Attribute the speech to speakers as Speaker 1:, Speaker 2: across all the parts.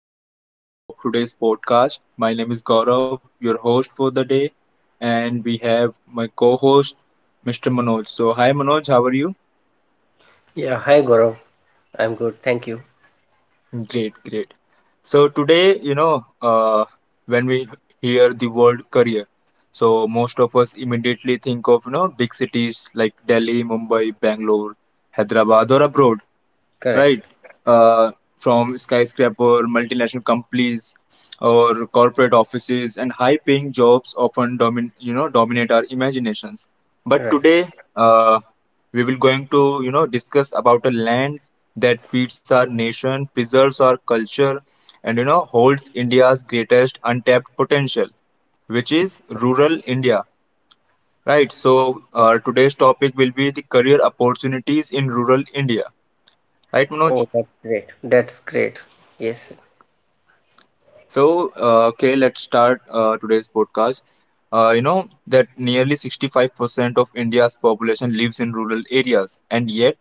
Speaker 1: another episode of today's podcast. My name is Gaurav, your host for the day, and we have my co-host Mr. Manoj. So hi Manoj, how are you?
Speaker 2: Yeah, hi Gaurav. I'm good, thank you.
Speaker 1: Great, great. So today, when we hear the word career, so most of us immediately think of big cities like Delhi, Mumbai, Bangalore, Hyderabad, or abroad, right?
Speaker 2: Correct.
Speaker 1: From skyscraper, multinational companies, or corporate offices, and high-paying jobs often domin dominate our imaginations. But today,
Speaker 2: Right.
Speaker 1: uh, we will going to discuss about a land that feeds our nation, preserves our culture, and holds India's greatest untapped potential, which is rural India. Right. So
Speaker 2: Yeah.
Speaker 1: today's topic will be the career opportunities in rural India. Right, Manoj?
Speaker 2: Oh, that's great. That's great. Yes.
Speaker 1: So, okay, let's start today's podcast. You know that nearly 65% of India's population lives in rural areas, and yet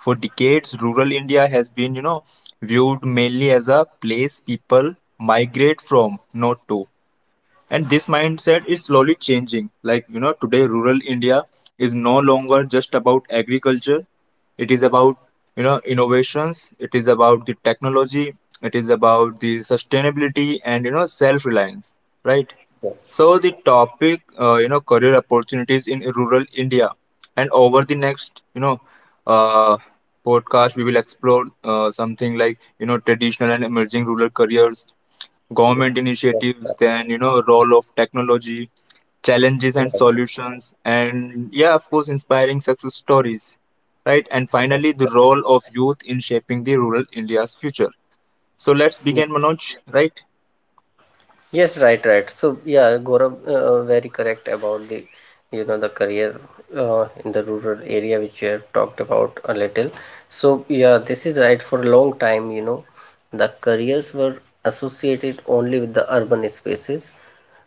Speaker 1: for decades, rural India has been, viewed mainly as a place people migrate from, not to. And this mindset is slowly changing. Like today rural india is no longer just about agriculture, it is about innovations, it is about the technology, it is about the sustainability and self reliance, right?
Speaker 2: Yes.
Speaker 1: So the topic, career opportunities in rural India, and over the next, uh, podcast, we will explore something like traditional and emerging rural careers,
Speaker 2: Yeah.
Speaker 1: government
Speaker 2: Yes. Right.
Speaker 1: initiatives, then role of technology, challenges and
Speaker 2: Right.
Speaker 1: solutions, and yeah, of course, inspiring success stories, right? And finally,
Speaker 2: Correct.
Speaker 1: the role of youth in shaping the rural India's future. So let's
Speaker 2: Yeah.
Speaker 1: begin, Manoj, right?
Speaker 2: Yes. Right. Right. So yeah, Gaurav, very correct about the career in the rural area which we have talked about a little. So yeah, this is right. For a long time, you know, the careers were associated only with the urban spaces.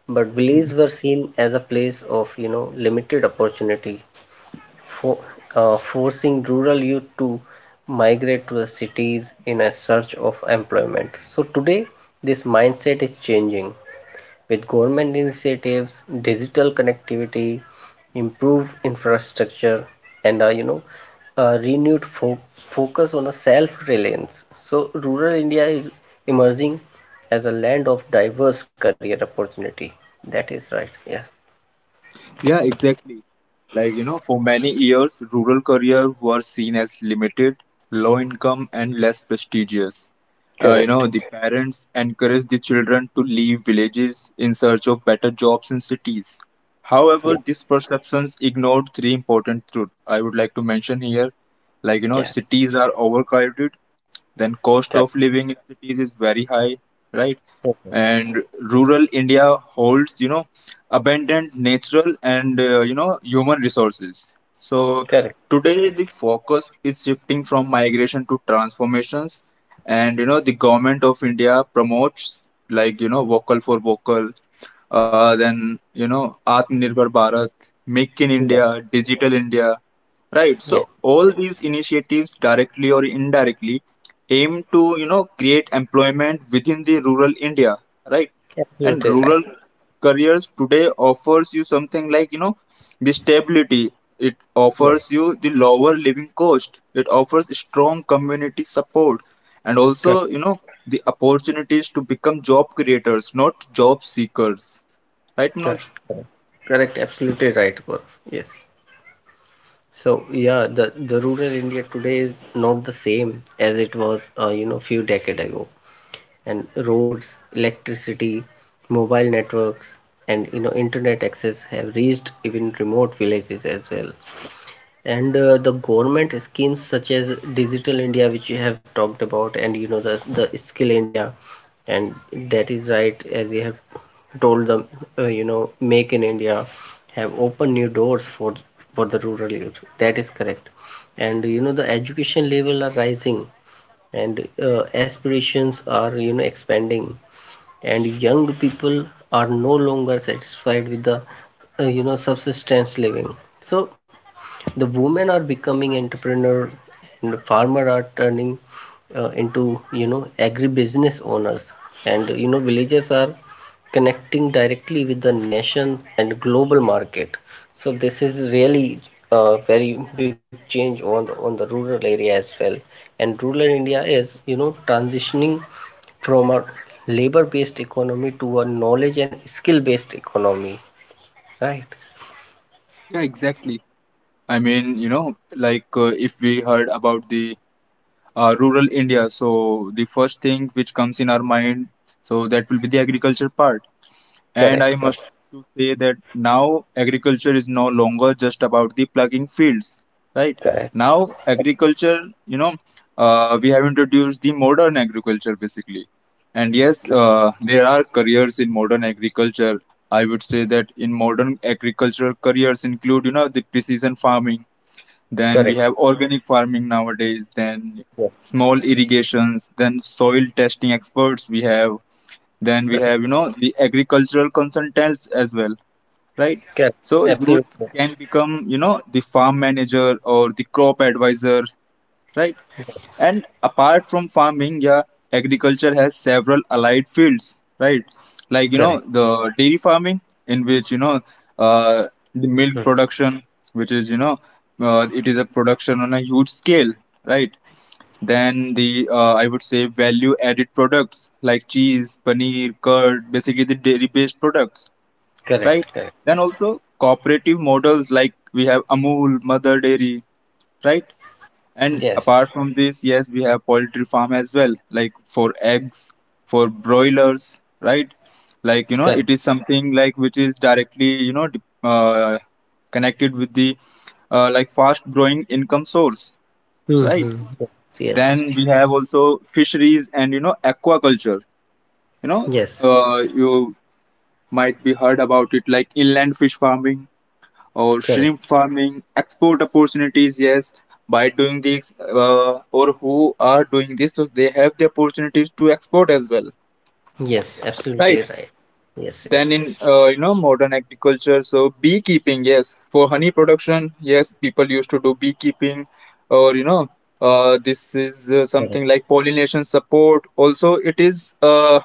Speaker 2: But villages were seen as a place of, you know, limited opportunity, for, forcing rural youth to migrate to the cities in a search of employment. So today, this mindset is changing with government initiatives, digital connectivity, improved infrastructure, and you know, a renewed focus on a self-reliance. So rural India is emerging as a land of diverse career opportunity. That is right. Yeah.
Speaker 1: Yeah, exactly. Like, for many years, rural careers were seen as limited, low income, and less prestigious. You know,
Speaker 2: Correct.
Speaker 1: the parents encouraged the children to leave villages in search of better jobs in cities. However,
Speaker 2: Yeah.
Speaker 1: these perceptions ignored three important truths I would like to mention here. Like,
Speaker 2: Yeah.
Speaker 1: cities are overcrowded, then
Speaker 2: Correct.
Speaker 1: cost of living in cities is very high, right?
Speaker 2: Okay.
Speaker 1: And rural India holds, abundant natural and, human resources. So
Speaker 2: Correct.
Speaker 1: today the focus is shifting from migration to transformations, and, the government of India promotes like, vocal for vocal, then Atmanirbhar Bharat, Make in
Speaker 2: Yes.
Speaker 1: India, Digital India, right? So
Speaker 2: Yes.
Speaker 1: all these
Speaker 2: Yes.
Speaker 1: initiatives, directly or indirectly, aim to create employment within the rural India, right? And
Speaker 2: Absolutely right.
Speaker 1: rural careers today offers you something like the stability. It
Speaker 2: Yes.
Speaker 1: offers you the lower living cost. It offers strong community support, and also
Speaker 2: Correct.
Speaker 1: the opportunities to become job creators not job seekers, right Manoj?
Speaker 2: Correct. Absolutely right, Gaurav. Yes. So yeah, the rural India today is not the same as it was, you know, few decade ago. And roads, electricity, mobile networks, and you know, internet access have reached even remote villages as well, and the government schemes such as Digital India, which you have talked about, and you know, the Skill India, and that is right, as you have told them, you know, Make in India, have opened new doors for the rural youth. That is correct. And you know, the education level are rising, and aspirations are you know expanding, and young people are no longer satisfied with the you know subsistence living. So the women are becoming entrepreneur, and the farmer are turning into you know agribusiness owners, and you know villages are connecting directly with the nation and global market. So this is really a very big change on the rural area as well. And rural India is you know transitioning from a labor based economy to a knowledge and skill based economy, right?
Speaker 1: Yeah, exactly. I mean, like if we heard about the rural India, so the first thing which comes in our mind, so that will be the agriculture part. And
Speaker 2: Correct,
Speaker 1: I
Speaker 2: correct,
Speaker 1: must to say that now agriculture is no longer just about the plugging fields, right?
Speaker 2: correct.
Speaker 1: Now agriculture, you know, we have introduced the modern agriculture basically. And yes, there are careers in modern agriculture. I would say that in modern agriculture, careers include, the precision farming. Then we
Speaker 2: Correct.
Speaker 1: have organic farming nowadays. Then
Speaker 2: Yes,
Speaker 1: small irrigations. Then soil testing experts we have, then we have,
Speaker 2: correct,
Speaker 1: the agricultural consultants as well, right?
Speaker 2: correct,
Speaker 1: So youth
Speaker 2: absolutely
Speaker 1: can become, the farm manager or the crop advisor, right? And apart from farming, yeah, agriculture has several allied fields, right? Like,
Speaker 2: correct.
Speaker 1: the dairy farming, in which, uh, the milk
Speaker 2: Hmm.
Speaker 1: production, which is, it is a production on a huge scale, right? Then the I would say value added products like cheese, paneer, curd, basically the dairy based products, right?
Speaker 2: Correct, correct.
Speaker 1: Then also cooperative models like we have Amul, Mother Dairy, right? And
Speaker 2: Yes,
Speaker 1: apart from this, yes, we have poultry farm as well, like for eggs, for broilers, right? Like
Speaker 2: correct.
Speaker 1: it is something like which is directly connected with the like fast growing income source, right?
Speaker 2: Mm-hmm. Yes,
Speaker 1: Then we have also fisheries and aquaculture. You know,
Speaker 2: yes,
Speaker 1: you might be heard about it like inland fish farming or
Speaker 2: correct.
Speaker 1: shrimp farming, export opportunities. Yes, by doing this, or who are doing this, so they have the opportunities to export as well,
Speaker 2: Yes,
Speaker 1: right?
Speaker 2: absolutely right. Yes,
Speaker 1: Then
Speaker 2: yes,
Speaker 1: in
Speaker 2: yes.
Speaker 1: modern agriculture, so beekeeping, yes, for honey production, yes, people used to do beekeeping, or this is
Speaker 2: Correct,
Speaker 1: something like pollination support. Also, it is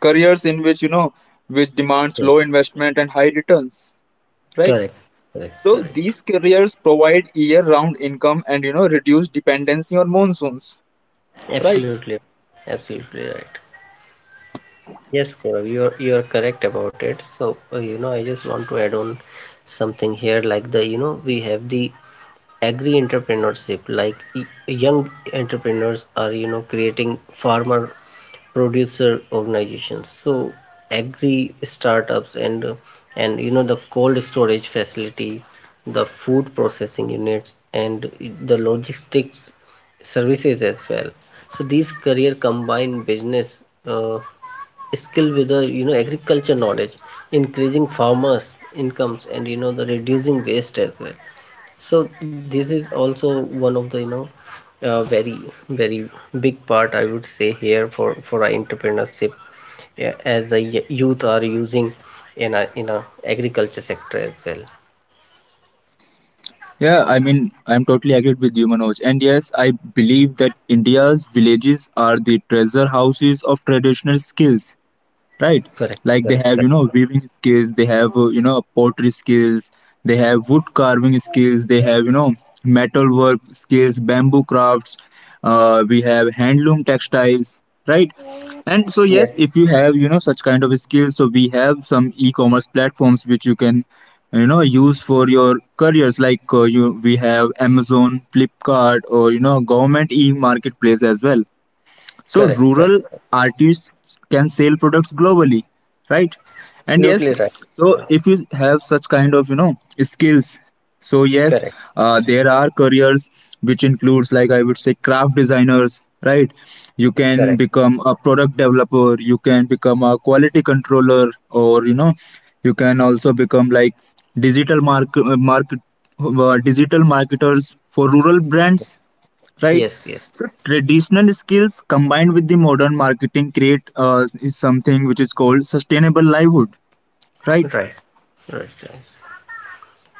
Speaker 1: careers in which which demands
Speaker 2: yes,
Speaker 1: low investment and high returns, right?
Speaker 2: correct, correct,
Speaker 1: So
Speaker 2: correct.
Speaker 1: these careers provide year-round income and reduce dependency on monsoons, right?
Speaker 2: Absolutely, absolutely right. Yes, Gaurav, you're correct about it. So, you know, I just want to add on something here, like the, you know, we have the agri entrepreneurship, like young entrepreneurs are you know creating farmer producer organizations, so agri startups, and you know, the cold storage facility, the food processing units, and the logistics services as well. So these career combine business uh, skill with the you know agriculture knowledge, increasing farmers incomes, and you know the reducing waste as well. So this is also one of the you know uh, very very big part I would say here for our entrepreneurship, yeah, as the youth are using in a agriculture sector as well.
Speaker 1: Yeah, I mean, I'm totally agreed with you, Manoj. And yes, I believe that India's villages are the treasure houses of traditional skills, right?
Speaker 2: Correct,
Speaker 1: Like they
Speaker 2: correct,
Speaker 1: have,
Speaker 2: correct.
Speaker 1: weaving skills, they have, pottery skills, they have wood carving skills, they have, metal work skills, bamboo crafts, we have handloom textiles, right? And so,
Speaker 2: Yes,
Speaker 1: yes, if you have, such kind of skills, so we have some e-commerce platforms which you can, use for your careers. Like we have Amazon, Flipkart, or government e-marketplace as well. So
Speaker 2: correct, correct,
Speaker 1: rural artists can sell products globally, right? And yes,
Speaker 2: absolutely right.
Speaker 1: so
Speaker 2: Yes,
Speaker 1: if you have such kind of skills, so yes,
Speaker 2: correct,
Speaker 1: there are careers which includes like I would say craft designers, right? You can
Speaker 2: correct.
Speaker 1: become a product developer, you can become a quality controller, or you can also become like digital market market digital marketers for rural brands, right?
Speaker 2: Yes, yes.
Speaker 1: So traditional skills combined with the modern marketing create is something which is called sustainable livelihood,
Speaker 2: Right,
Speaker 1: right?
Speaker 2: right, right.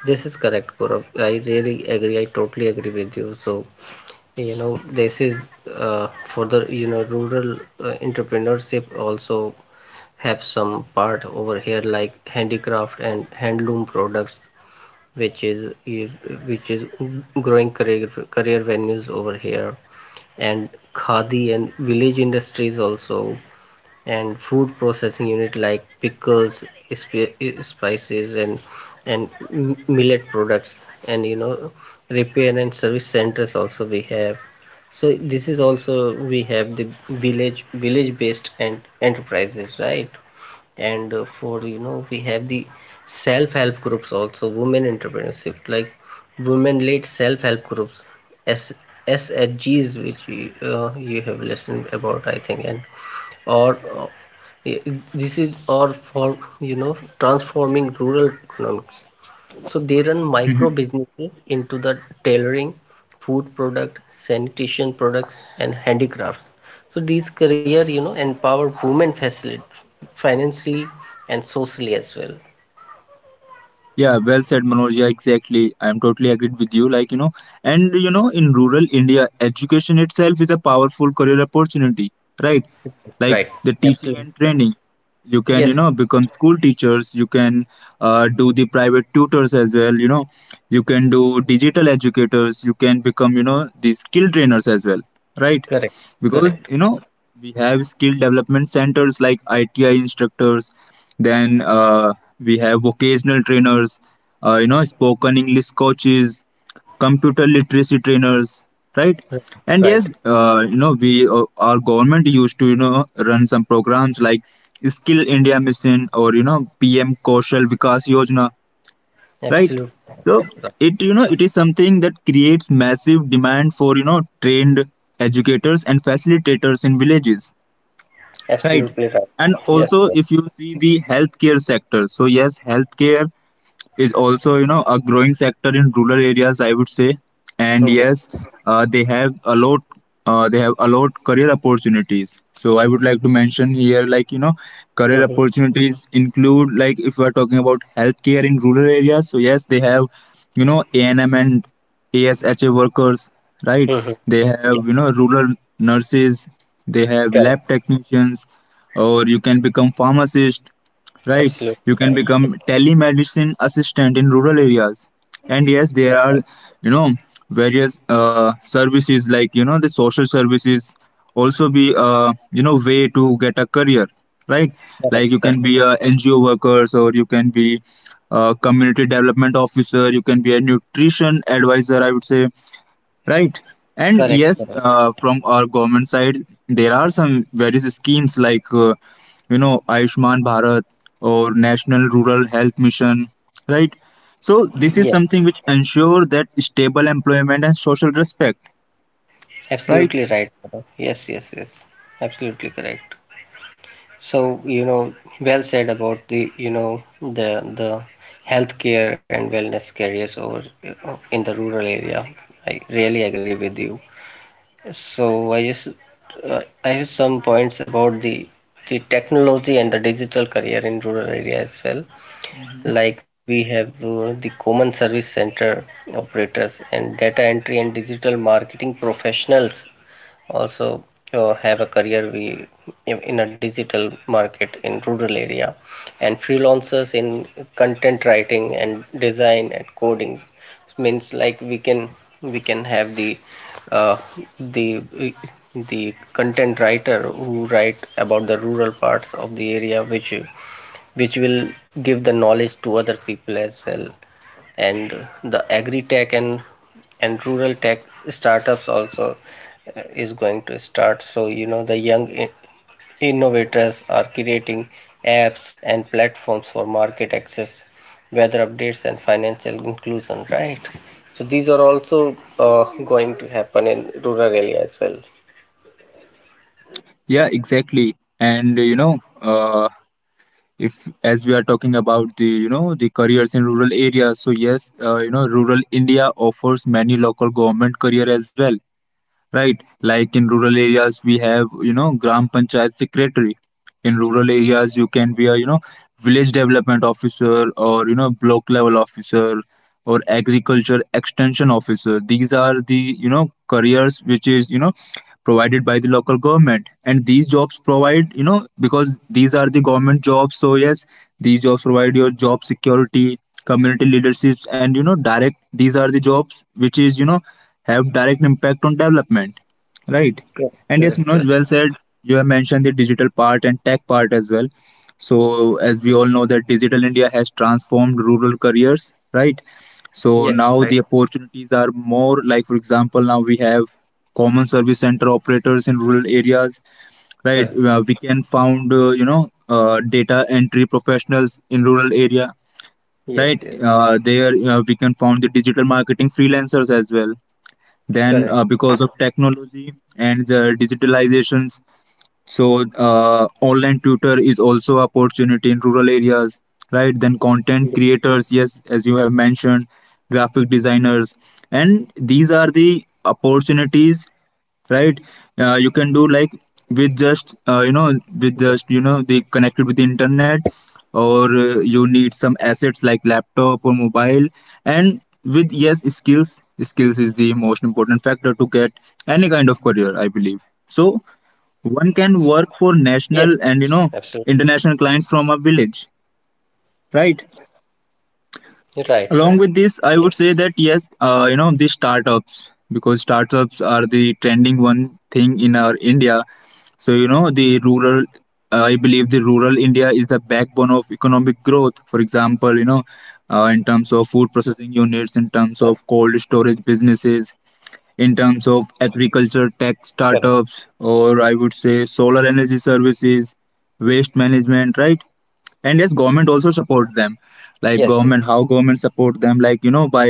Speaker 2: This is correct, Gaurav. I really agree. I totally agree with you. So, you know, this is for the, you know, rural entrepreneurship also have some part over here, like handicraft and handloom products, which is which is growing career venues over here, and khadi and village industries also, and food processing unit like pickles, sp- spices, and and millet products, and you know repair and service centers also we have. So this is also we have the village based and enterprises, right? And for you know we have the self-help groups, also women entrepreneurship, like women led self-help groups, S SHGs, which you, you have listened about I think, and or this is or for you know transforming rural economics. So they run micro businesses into the tailoring, food product, sanitation products, and handicrafts. So these career, you know, empower women, facilitate financially and socially as well.
Speaker 1: Yeah, well said, Manoj. Yeah, exactly. I'm totally agreed with you. Like, in rural India, education itself is a powerful career opportunity, right? Like
Speaker 2: Right.
Speaker 1: the teaching
Speaker 2: Absolutely.
Speaker 1: and
Speaker 2: Right.
Speaker 1: training. You can,
Speaker 2: Yes.
Speaker 1: become school teachers. You can do the private tutors as well. You know, you can do digital educators. You can become, the skill trainers as well, right?
Speaker 2: Correct.
Speaker 1: Because,
Speaker 2: Correct.
Speaker 1: we have skill development centers like ITI instructors. Then we have vocational trainers, spoken English coaches, computer literacy trainers, right?
Speaker 2: Right.
Speaker 1: And yes,
Speaker 2: Right.
Speaker 1: we our government used to run some programs like Skill India Mission or PM Kaushal Vikas Yojana, right?
Speaker 2: Absolutely.
Speaker 1: So
Speaker 2: Right.
Speaker 1: it it is something that creates massive demand for trained educators and facilitators in villages, right?
Speaker 2: Absolutely right.
Speaker 1: And
Speaker 2: Yes,
Speaker 1: also
Speaker 2: sir.
Speaker 1: if you see the healthcare sector, so yes, healthcare is also a growing sector in rural areas, I would say. And
Speaker 2: Yeah.
Speaker 1: yes, uh, they have a lot they have a lot career opportunities, so I would like to mention here like career
Speaker 2: Mhm.
Speaker 1: opportunities include like if we are talking about healthcare in rural areas, so yes, they have ANM and ASHA workers, right? They have
Speaker 2: Yeah.
Speaker 1: rural nurses, they have lab technicians, or you can become pharmacist, right? You
Speaker 2: Absolutely
Speaker 1: can
Speaker 2: right.
Speaker 1: become telemedicine assistant in rural areas. And yes, there are, you know, various services like, the social services also be a, way to get a career, right? Like you
Speaker 2: Correct.
Speaker 1: can be
Speaker 2: Correct.
Speaker 1: a NGO workers or you can be a community development officer, you can be a nutrition advisor, I would say. Right. And yes,
Speaker 2: Correct. Correct.
Speaker 1: from our government side, there are some various schemes like, Ayushman Bharat or National Rural Health Mission, right? So this is something
Speaker 2: Yes.
Speaker 1: which ensure that stable employment and social respect, right?
Speaker 2: Absolutely right, brother. Yes. Yes. Yes. Absolutely correct. So, you know, well said about the, you know, the healthcare and wellness carriers over in the rural area. I really agree with you. So I just I have some points about the technology and the digital career in rural area as well.
Speaker 1: Hmm.
Speaker 2: Like we have the common service center operators, and data entry and digital marketing professionals also have a career we, in a digital market in rural area, and freelancers in content writing and design and coding. It means like we can have the uh, the the content writer who write about the rural parts of the area, which will give the knowledge to other people as well. And the agri tech and rural tech startups also is going to start. So you know the young innovators are creating apps and platforms for market access, weather updates, and financial inclusion, right? So these are also going to happen in rural area as well.
Speaker 1: Yeah, exactly. And if as we are talking about the the careers in rural areas, so yes, rural India offers many local government career as well, right? Like in rural areas, we have, Gram Panchayat Secretary. In rural areas, you can be a, village development officer or, block level officer or agriculture extension officer. These are the, careers which is, provided by the local government. And these jobs provide, because these are the government jobs. So, yes, these jobs provide your job security, community leaderships, and, these are the jobs which is, have direct impact on development. Right.
Speaker 2: Correct,
Speaker 1: And yes,
Speaker 2: correct,
Speaker 1: Manoj,
Speaker 2: correct.
Speaker 1: well said. You have mentioned the digital part and tech part as well. So, as we all know, that digital India has transformed rural careers, right? So
Speaker 2: Yes, right.
Speaker 1: now the opportunities are more like, for example, now we have common service center operators in rural areas, right?
Speaker 2: Correct.
Speaker 1: We can found, data entry professionals in rural area,
Speaker 2: Yes,
Speaker 1: right?
Speaker 2: yes.
Speaker 1: There we can found the digital marketing freelancers as well. Then,
Speaker 2: Correct.
Speaker 1: because of technology and the digitalizations, so online tutor is also opportunity in rural areas, right? Then content creators, yes, as you have mentioned, graphic designers, and these are the opportunities, right. You can do like with just with just they connected with the internet, or you need some assets like laptop or mobile. And with yes, skills is the most important factor to get any kind of career, I believe. So
Speaker 2: Yes, yes,
Speaker 1: one can work
Speaker 2: absolutely.
Speaker 1: for national and international clients from a village,
Speaker 2: Right,
Speaker 1: right.
Speaker 2: right. Yes.
Speaker 1: Along with this, I would say that yes, the startups, because startups are the trending one thing in our India. So the rural, I believe the rural India is the backbone of economic growth. For example, in
Speaker 2: Yeah,
Speaker 1: terms of food processing units, in terms of cold storage businesses, in terms
Speaker 2: correct.
Speaker 1: of agriculture tech startups, or I would say solar energy services, waste management, right? And yes,
Speaker 2: Yes, yes,
Speaker 1: government also support them. Like government, how government support them, like by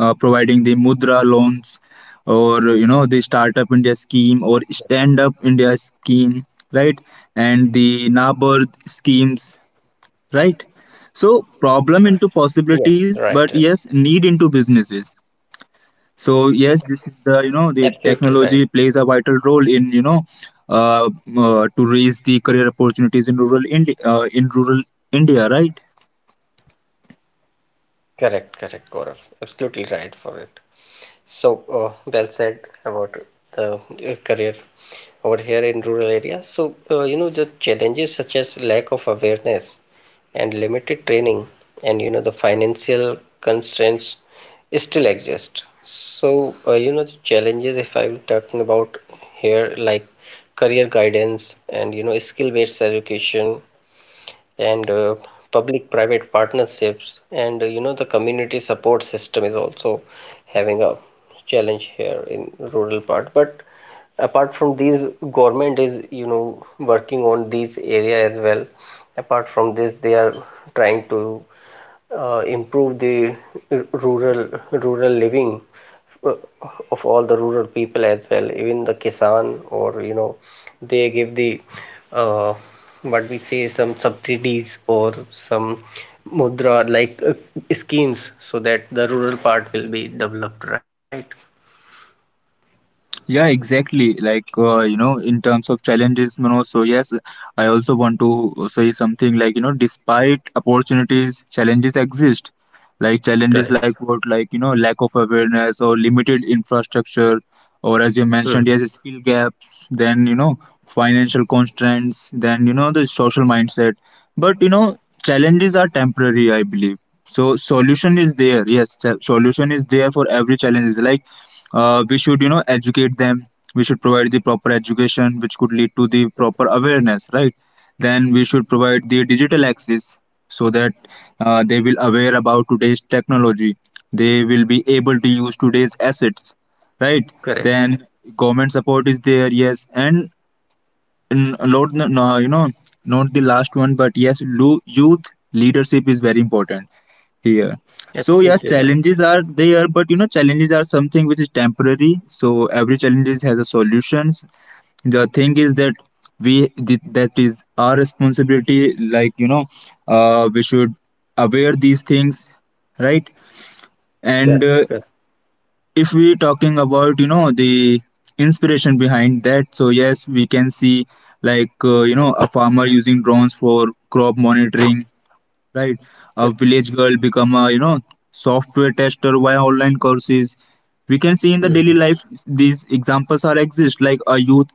Speaker 1: providing the mudra loans, or the Startup India scheme or Stand Up India scheme, right, and the NABARD schemes, right.
Speaker 2: yes,
Speaker 1: So
Speaker 2: right, right.
Speaker 1: problem into possibilities, but yes, need into businesses. So
Speaker 2: Absolutely
Speaker 1: yes,
Speaker 2: right.
Speaker 1: this is the, the technology plays a vital role in uh, to raise the career opportunities in rural India, in rural India, right.
Speaker 2: Correct, correct, Gaurav. Absolutely right for it. So, well said about the career over here in rural areas. So, you know, the challenges such as lack of awareness and limited training, and, you know, the financial constraints still exist. So, you know, the challenges, if I will talking about here, like career guidance and, you know, skill-based education, and public-private partnerships, and you know the community support system is also having a challenge here in rural part. But apart from these, government is you know working on these area as well. Apart from this, they are trying to improve the rural living uh, of all the rural people as well, even the kisan, or you know, they give the uh, what we say some subsidies, or some mudra like schemes, so that the rural part will be developed, right?
Speaker 1: Yeah, exactly. Like, in terms of challenges. So yes, I also want to say something like, despite opportunities, challenges exist. Like
Speaker 2: Correct.
Speaker 1: challenges like what, like, lack of awareness or limited infrastructure, or as you
Speaker 2: Hmm.
Speaker 1: mentioned, yes, skill gaps, then, financial constraints, then, the social mindset. But challenges are temporary, I believe. So solution is there. Yes, solution is there for every challenge. Like, we should educate them. We should provide the proper education which could lead to the proper awareness, right. Then we should provide the digital access, so that they will aware about today's technology. They will be able to use today's assets, right.
Speaker 2: Correct.
Speaker 1: Then government support is there, yes. And lot, no, not the last one, but yes, youth leadership is very important here. So
Speaker 2: Absolutely
Speaker 1: yeah,
Speaker 2: right.
Speaker 1: challenges are there, but challenges are something which is temporary. So every challenges has a solutions. The thing is that that is our responsibility. Like we should aware these things, right?
Speaker 2: Correct,
Speaker 1: And
Speaker 2: correct,
Speaker 1: if we talking about the inspiration behind that, so yes, we can see like a farmer using drones for crop monitoring, right?
Speaker 2: correct.
Speaker 1: A village girl become a software tester via online courses. We can see in the
Speaker 2: Hmm.
Speaker 1: daily life these examples are exist, like a youth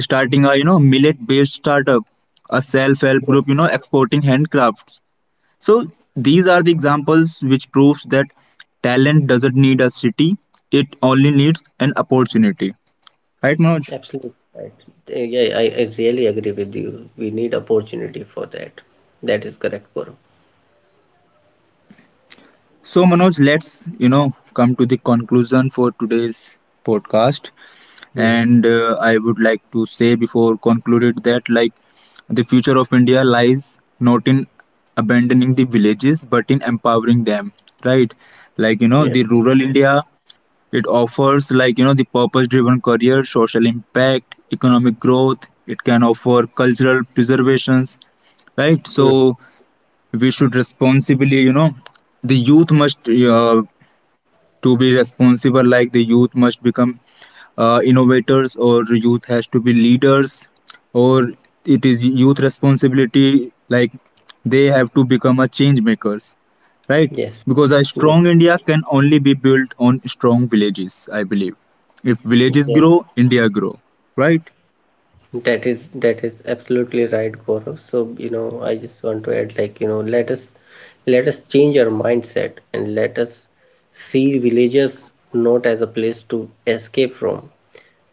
Speaker 1: starting a millet based startup, a self help group exporting handcrafts. So these are the examples which proves that talent doesn't need a city; it only needs an opportunity. Right, Manoj?
Speaker 2: Absolutely right. Yeah, I really agree with you. We need opportunity for that. That is correct, Gaurav.
Speaker 1: So Manoj, let's come to the conclusion for today's podcast.
Speaker 2: Hmm.
Speaker 1: And I would like to say before concluded that, like, the future of India lies not in abandoning the villages but in empowering them, right. Like
Speaker 2: Yeah.
Speaker 1: the rural India, it offers like the purpose driven career, social impact, economic growth. It can offer cultural preservations, right.
Speaker 2: Hmm.
Speaker 1: So we should responsibly, the youth must to be responsible, like the youth must become innovators, or youth has to be leaders, or it is youth responsibility, like they have to become a change makers, right.
Speaker 2: Yes.
Speaker 1: Because a
Speaker 2: Yes.
Speaker 1: strong India can only be built on strong villages, I believe. If villages
Speaker 2: Yes.
Speaker 1: grow, India grow, right.
Speaker 2: That is absolutely right, Gaurav. So, you know, I just want to add, like, you know, let us change our mindset, and let us see villages not as a place to escape from,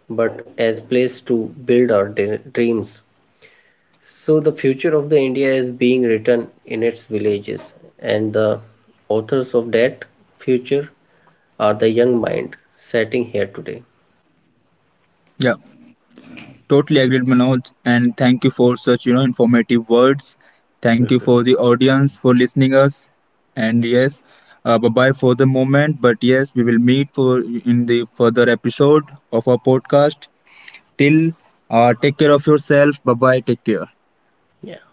Speaker 2: but as place to build our de dreams. So the future of the India is being written in its villages, and the authors of that future are the young mind sitting here today.
Speaker 1: Yeah. Totally agreed, Manoj. And thank you for such informative words. Thank you for the audience for listening us. And yes, bye bye for the moment. But yes, we will meet for in the further episode of our podcast. Till take care of yourself. Bye bye. Take care.
Speaker 2: Yeah.